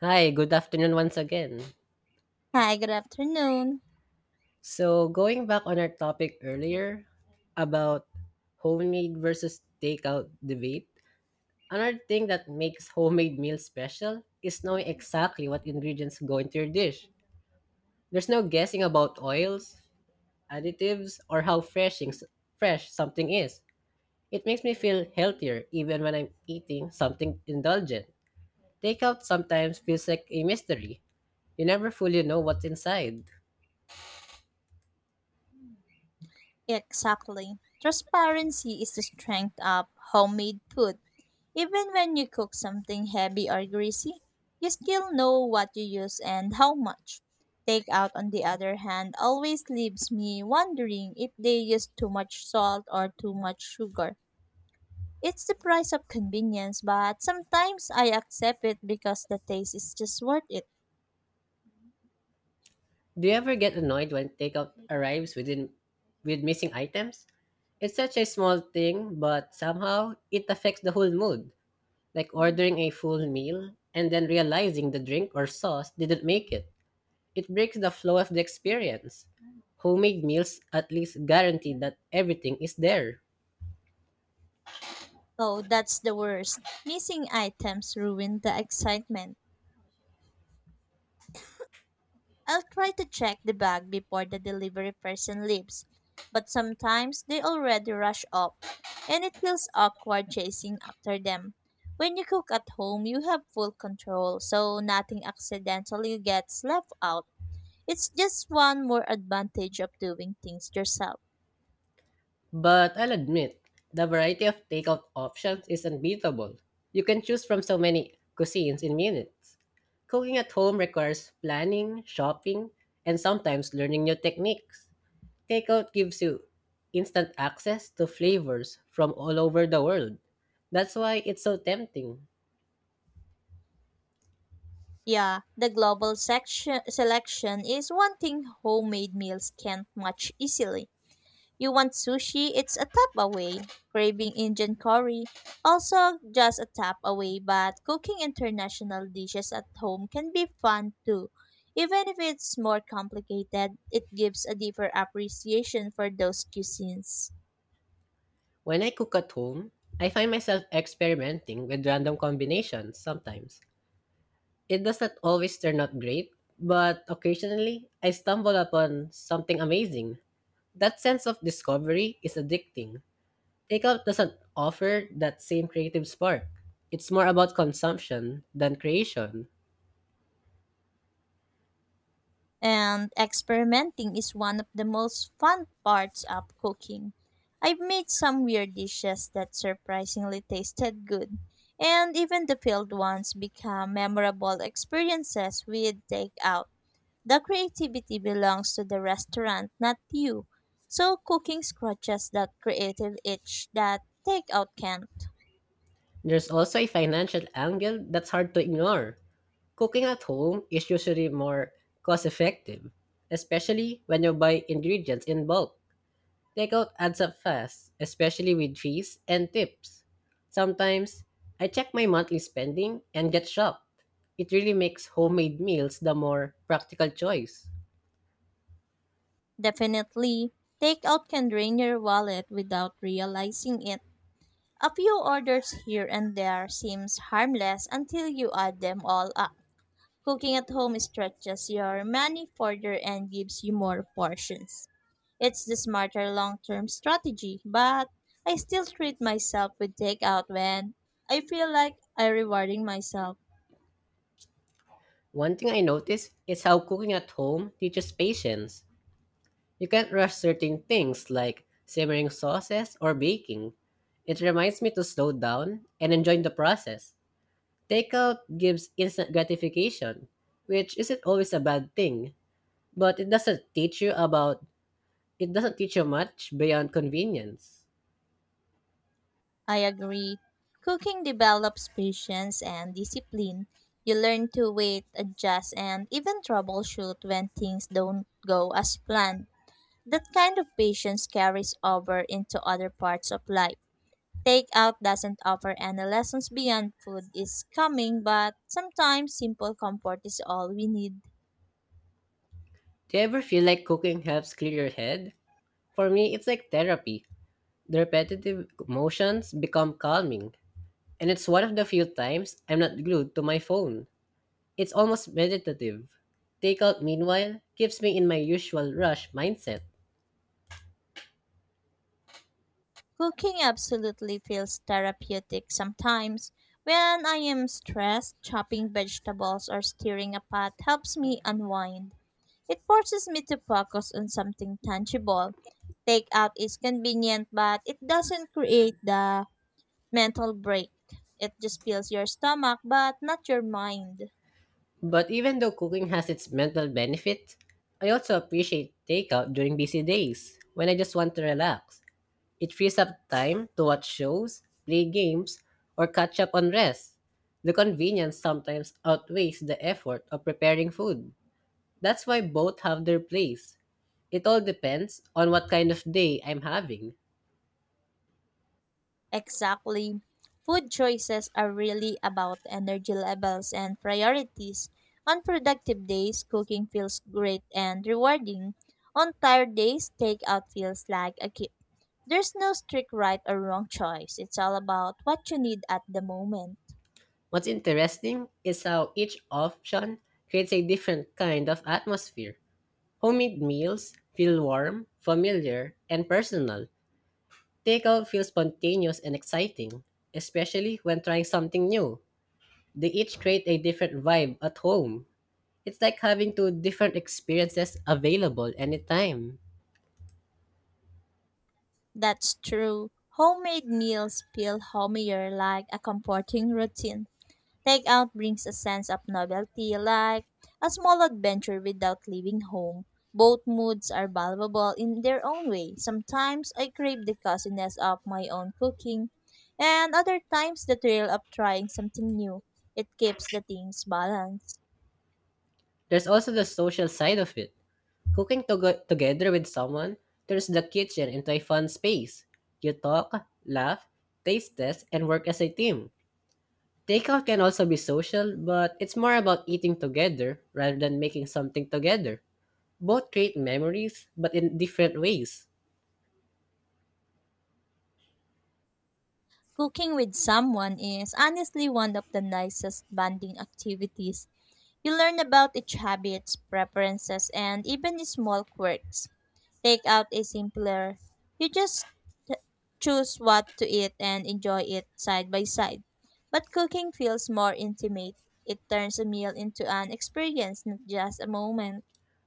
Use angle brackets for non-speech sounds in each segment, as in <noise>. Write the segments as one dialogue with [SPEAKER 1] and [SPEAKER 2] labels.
[SPEAKER 1] Hi, good afternoon once again.
[SPEAKER 2] Hi, good afternoon.
[SPEAKER 1] So, going back on our topic earlier about homemade versus takeout debate, another thing that makes homemade meals special is knowing exactly what ingredients go into your dish. There's no guessing about oils, additives, or how fresh something is. It makes me feel healthier even when I'm eating something indulgent. Takeout sometimes feels like a mystery. You never fully know what's inside.
[SPEAKER 2] Exactly. Transparency is the strength of homemade food. Even when you cook something heavy or greasy, you still know what you use and how much. Takeout, on the other hand, always leaves me wondering if they use too much salt or too much sugar. It's the price of convenience, but sometimes I accept it because the taste is just worth it.
[SPEAKER 1] Do you ever get annoyed when takeout arrives with missing items? It's such a small thing, but somehow it affects the whole mood. Like ordering a full meal and then realizing the drink or sauce didn't make it. It breaks the flow of the experience. Homemade meals at least guarantee that everything is there.
[SPEAKER 2] Oh, that's the worst. Missing items ruin the excitement. I'll try to check the bag before the delivery person leaves, but sometimes they already rush off, and it feels awkward chasing after them. When you cook at home, you have full control, so nothing accidentally gets left out. It's just one more advantage of doing things yourself.
[SPEAKER 1] But I'll admit, the variety of takeout options is unbeatable. You can choose from so many cuisines in minutes. Cooking at home requires planning, shopping, and sometimes learning new techniques. Takeout gives you instant access to flavors from all over the world. That's why it's so tempting.
[SPEAKER 2] Yeah, the global section, selection is one thing homemade meals can't match easily. You want sushi? It's a tap away. Craving Indian curry? Also just a tap away, but cooking international dishes at home can be fun too. Even if it's more complicated, it gives a deeper appreciation for those cuisines.
[SPEAKER 1] When I cook at home, I find myself experimenting with random combinations sometimes. It doesn't always turn out great, but occasionally I stumble upon something amazing. That sense of discovery is addicting. Takeout doesn't offer that same creative spark. It's more about consumption than creation.
[SPEAKER 2] And experimenting is one of the most fun parts of cooking. I've made some weird dishes that surprisingly tasted good, and even the failed ones become memorable experiences with takeout. The creativity belongs to the restaurant, not you. So cooking scratches that creative itch that takeout can't.
[SPEAKER 1] There's also a financial angle that's hard to ignore. Cooking at home is usually more cost effective, especially when you buy ingredients in bulk. Takeout adds up fast, especially with fees and tips. Sometimes, I check my monthly spending and get shocked. It really makes homemade meals the more practical choice.
[SPEAKER 2] Definitely, takeout can drain your wallet without realizing it. A few orders here and there seems harmless until you add them all up. Cooking at home stretches your money further and gives you more portions. It's the smarter long-term strategy, but I still treat myself with takeout when I feel like I am rewarding myself.
[SPEAKER 1] One thing I notice is how cooking at home teaches patience. You can't rush certain things like simmering sauces or baking. It reminds me to slow down and enjoy the process. Takeout gives instant gratification, which isn't always a bad thing, but it doesn't teach you much beyond convenience.
[SPEAKER 2] I agree. Cooking develops patience and discipline. You learn to wait, adjust, and even troubleshoot when things don't go as planned. That kind of patience carries over into other parts of life. Takeout doesn't offer any lessons beyond food is coming, but sometimes simple comfort is all we need.
[SPEAKER 1] Do you ever feel like cooking helps clear your head? For me, it's like therapy. The repetitive motions become calming, and it's one of the few times I'm not glued to my phone. It's almost meditative. Takeout, meanwhile, keeps me in my usual rush mindset.
[SPEAKER 2] Cooking absolutely feels therapeutic sometimes. When I am stressed, chopping vegetables or stirring a pot helps me unwind. It forces me to focus on something tangible. Takeout is convenient, but it doesn't create the mental break. It just fills your stomach but not your mind.
[SPEAKER 1] But even though cooking has its mental benefit, I also appreciate takeout during busy days when I just want to relax. It frees up time to watch shows, play games, or catch up on rest. The convenience sometimes outweighs the effort of preparing food. That's why both have their place. It all depends on what kind of day I'm having.
[SPEAKER 2] Exactly. Food choices are really about energy levels and priorities. On productive days, cooking feels great and rewarding. On tired days, takeout feels like a gift. There's no strict right or wrong choice. It's all about what you need at the moment.
[SPEAKER 1] What's interesting is how each option creates a different kind of atmosphere. Homemade meals feel warm, familiar, and personal. Takeout feels spontaneous and exciting, especially when trying something new. They each create a different vibe at home. It's like having two different experiences available anytime.
[SPEAKER 2] That's true. Homemade meals feel homier, like a comforting routine. Takeout brings a sense of novelty, like a small adventure without leaving home. Both moods are valuable in their own way. Sometimes I crave the coziness of my own cooking, and other times the thrill of trying something new. It keeps the things balanced.
[SPEAKER 1] There's also the social side of it. Cooking together with someone turns the kitchen into a fun space. You talk, laugh, taste test, and work as a team. Takeout can also be social, but it's more about eating together rather than making something together. Both create memories, but in different ways.
[SPEAKER 2] Cooking with someone is honestly one of the nicest bonding activities. You learn about each habits, preferences, and even small quirks. Takeout is simpler. You just choose what to eat and enjoy it side by side. But cooking feels more intimate. It turns a meal into an experience, not just a moment.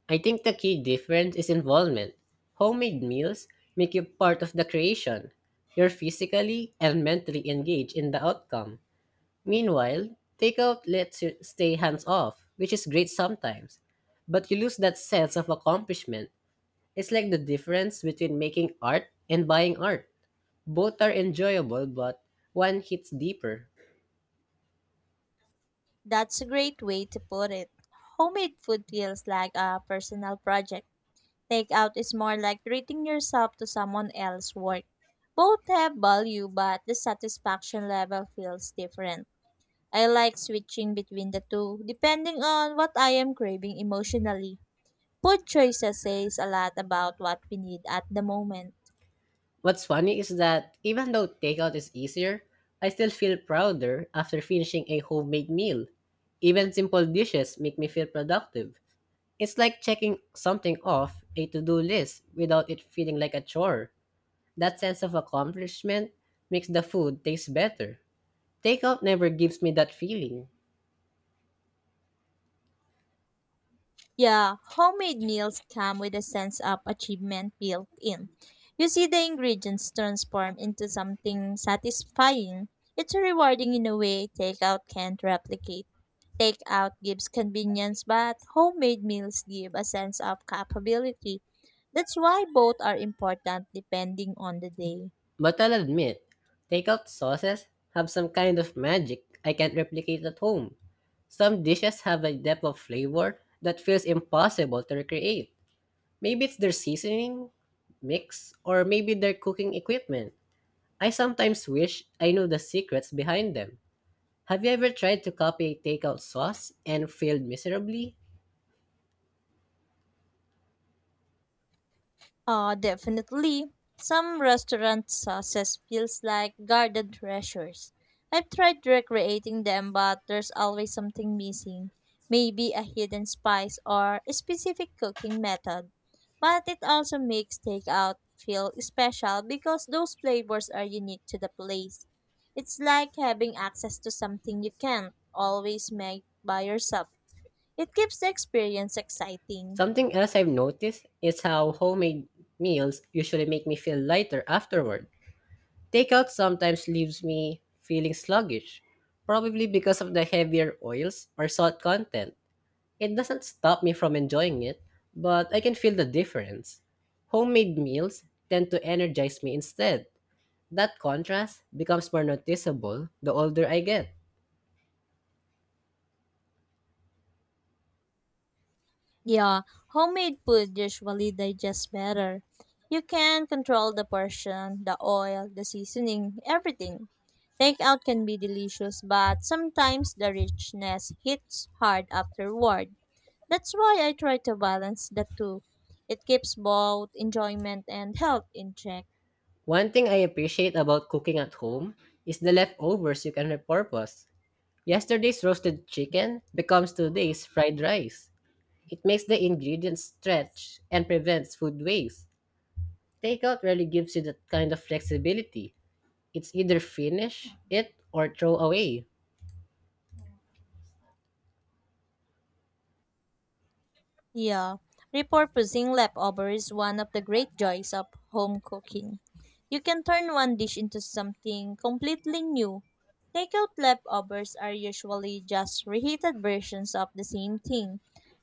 [SPEAKER 1] I think the key difference is involvement. Homemade meals make you part of the creation. You're physically and mentally engaged in the outcome. Meanwhile, takeout lets you stay hands off, which is great sometimes, but you lose that sense of accomplishment. It's like the difference between making art and buying art. Both are enjoyable, but one hits deeper.
[SPEAKER 2] That's a great way to put it. Homemade food feels like a personal project. Takeout is more like treating yourself to someone else's work. Both have value, but the satisfaction level feels different. I like switching between the two, depending on what I am craving emotionally. Food choices says a lot about what we need at the moment.
[SPEAKER 1] What's funny is that even though takeout is easier, I still feel prouder after finishing a homemade meal. Even simple dishes make me feel productive. It's like checking something off a to do list without it feeling like a chore. That sense of accomplishment makes the food taste better. Takeout never gives me that feeling.
[SPEAKER 2] Yeah, homemade meals come with a sense of achievement built in. You see the ingredients transform into something satisfying. It's rewarding in a way takeout can't replicate. Takeout gives convenience, but homemade meals give a sense of capability. That's why both are important depending on the day.
[SPEAKER 1] But I'll admit, takeout sauces have some kind of magic I can't replicate at home. Some dishes have a depth of flavor that feels impossible to recreate. Maybe it's their seasoning, mix, or maybe their cooking equipment. I sometimes wish I knew the secrets behind them. Have you ever tried to copy a takeout sauce and failed miserably?
[SPEAKER 2] Definitely. Some restaurant sauces feels like garden treasures. I've tried recreating them, but there's always something missing. Maybe a hidden spice or a specific cooking method. But it also makes takeout feel special because those flavors are unique to the place. It's like having access to something you can't always make by yourself. It keeps the experience exciting.
[SPEAKER 1] Something else I've noticed is how homemade meals usually make me feel lighter afterward. Takeout sometimes leaves me feeling sluggish, probably because of the heavier oils or salt content. It doesn't stop me from enjoying it, but I can feel the difference. Homemade meals tend to energize me instead. That contrast becomes more noticeable the older I get.
[SPEAKER 2] Yeah, homemade food usually digests better. You can control the portion, the oil, the seasoning, everything. Takeout can be delicious, but sometimes the richness hits hard afterward. That's why I try to balance the two. It keeps both enjoyment and health in check.
[SPEAKER 1] One thing I appreciate about cooking at home is the leftovers you can repurpose. Yesterday's roasted chicken becomes today's fried rice. It makes the ingredients stretch and prevents food waste. Takeout really gives you that kind of flexibility. It's either finish it or throw away.
[SPEAKER 2] Yeah, repurposing leftovers is one of the great joys of home cooking. You can turn one dish into something completely new. Takeout leftovers are usually just reheated versions of the same thing.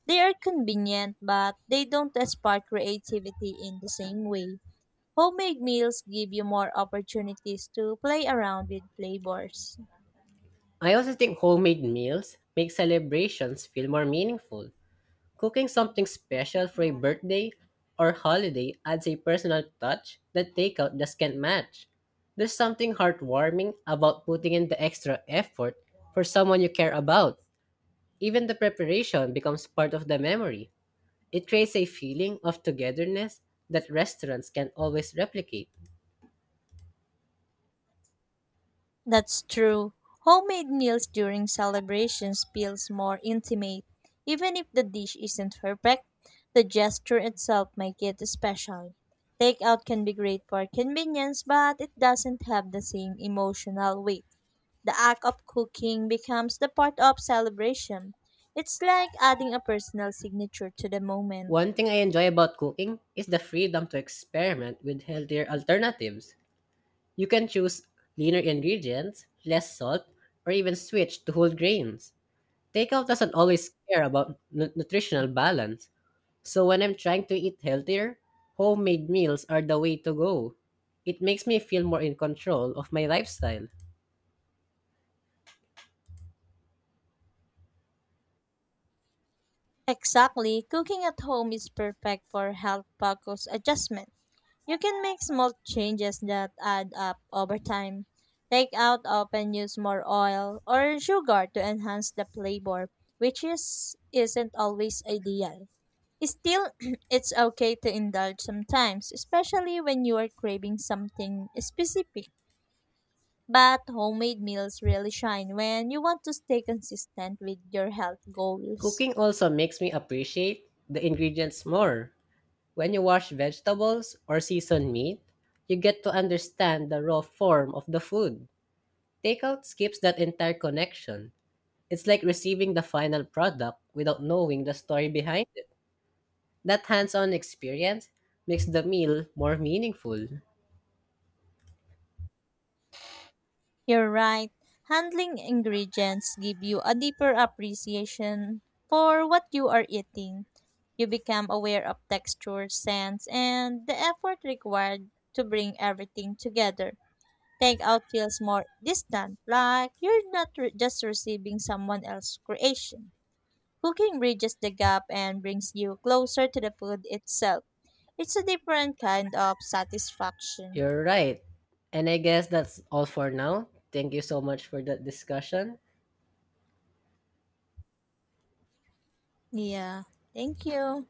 [SPEAKER 2] They are convenient, but they don't spark creativity in the same way. Homemade meals give you more opportunities to play around with flavors.
[SPEAKER 1] I also think homemade meals make celebrations feel more meaningful. Cooking something special for a birthday or holiday adds a personal touch that takeout just can't match. There's something heartwarming about putting in the extra effort for someone you care about. Even the preparation becomes part of the memory. It creates a feeling of togetherness that restaurants can always replicate.
[SPEAKER 2] That's true. Homemade meals during celebrations feels more intimate. Even if the dish isn't perfect, the gesture itself makes it special. Takeout can be great for convenience, but it doesn't have the same emotional weight. The act of cooking becomes the part of celebration. It's like adding a personal signature to the moment.
[SPEAKER 1] One thing I enjoy about cooking is the freedom to experiment with healthier alternatives. You can choose leaner ingredients, less salt, or even switch to whole grains. Takeout doesn't always care about nutritional balance, so when I'm trying to eat healthier, homemade meals are the way to go. It makes me feel more in control of my lifestyle.
[SPEAKER 2] Exactly, cooking at home is perfect for health focused adjustment. You can make small changes that add up over time. Take out often use more oil or sugar to enhance the flavor, which is isn't always ideal. Still, <clears throat> it's okay to indulge sometimes, especially when you are craving something specific. But homemade meals really shine when you want to stay consistent with your health goals.
[SPEAKER 1] Cooking also makes me appreciate the ingredients more. When you wash vegetables or season meat, you get to understand the raw form of the food. Takeout skips that entire connection. It's like receiving the final product without knowing the story behind it. That hands on experience makes the meal more meaningful.
[SPEAKER 2] You're right. Handling ingredients give you a deeper appreciation for what you are eating. You become aware of texture, scents, and the effort required to bring everything together. Takeout feels more distant, like you're not re- just receiving someone else's creation. Cooking bridges the gap and brings you closer to the food itself. It's a different kind of satisfaction.
[SPEAKER 1] You're right. And I guess that's all for now. Thank you so much for that discussion.
[SPEAKER 2] Yeah. Thank you.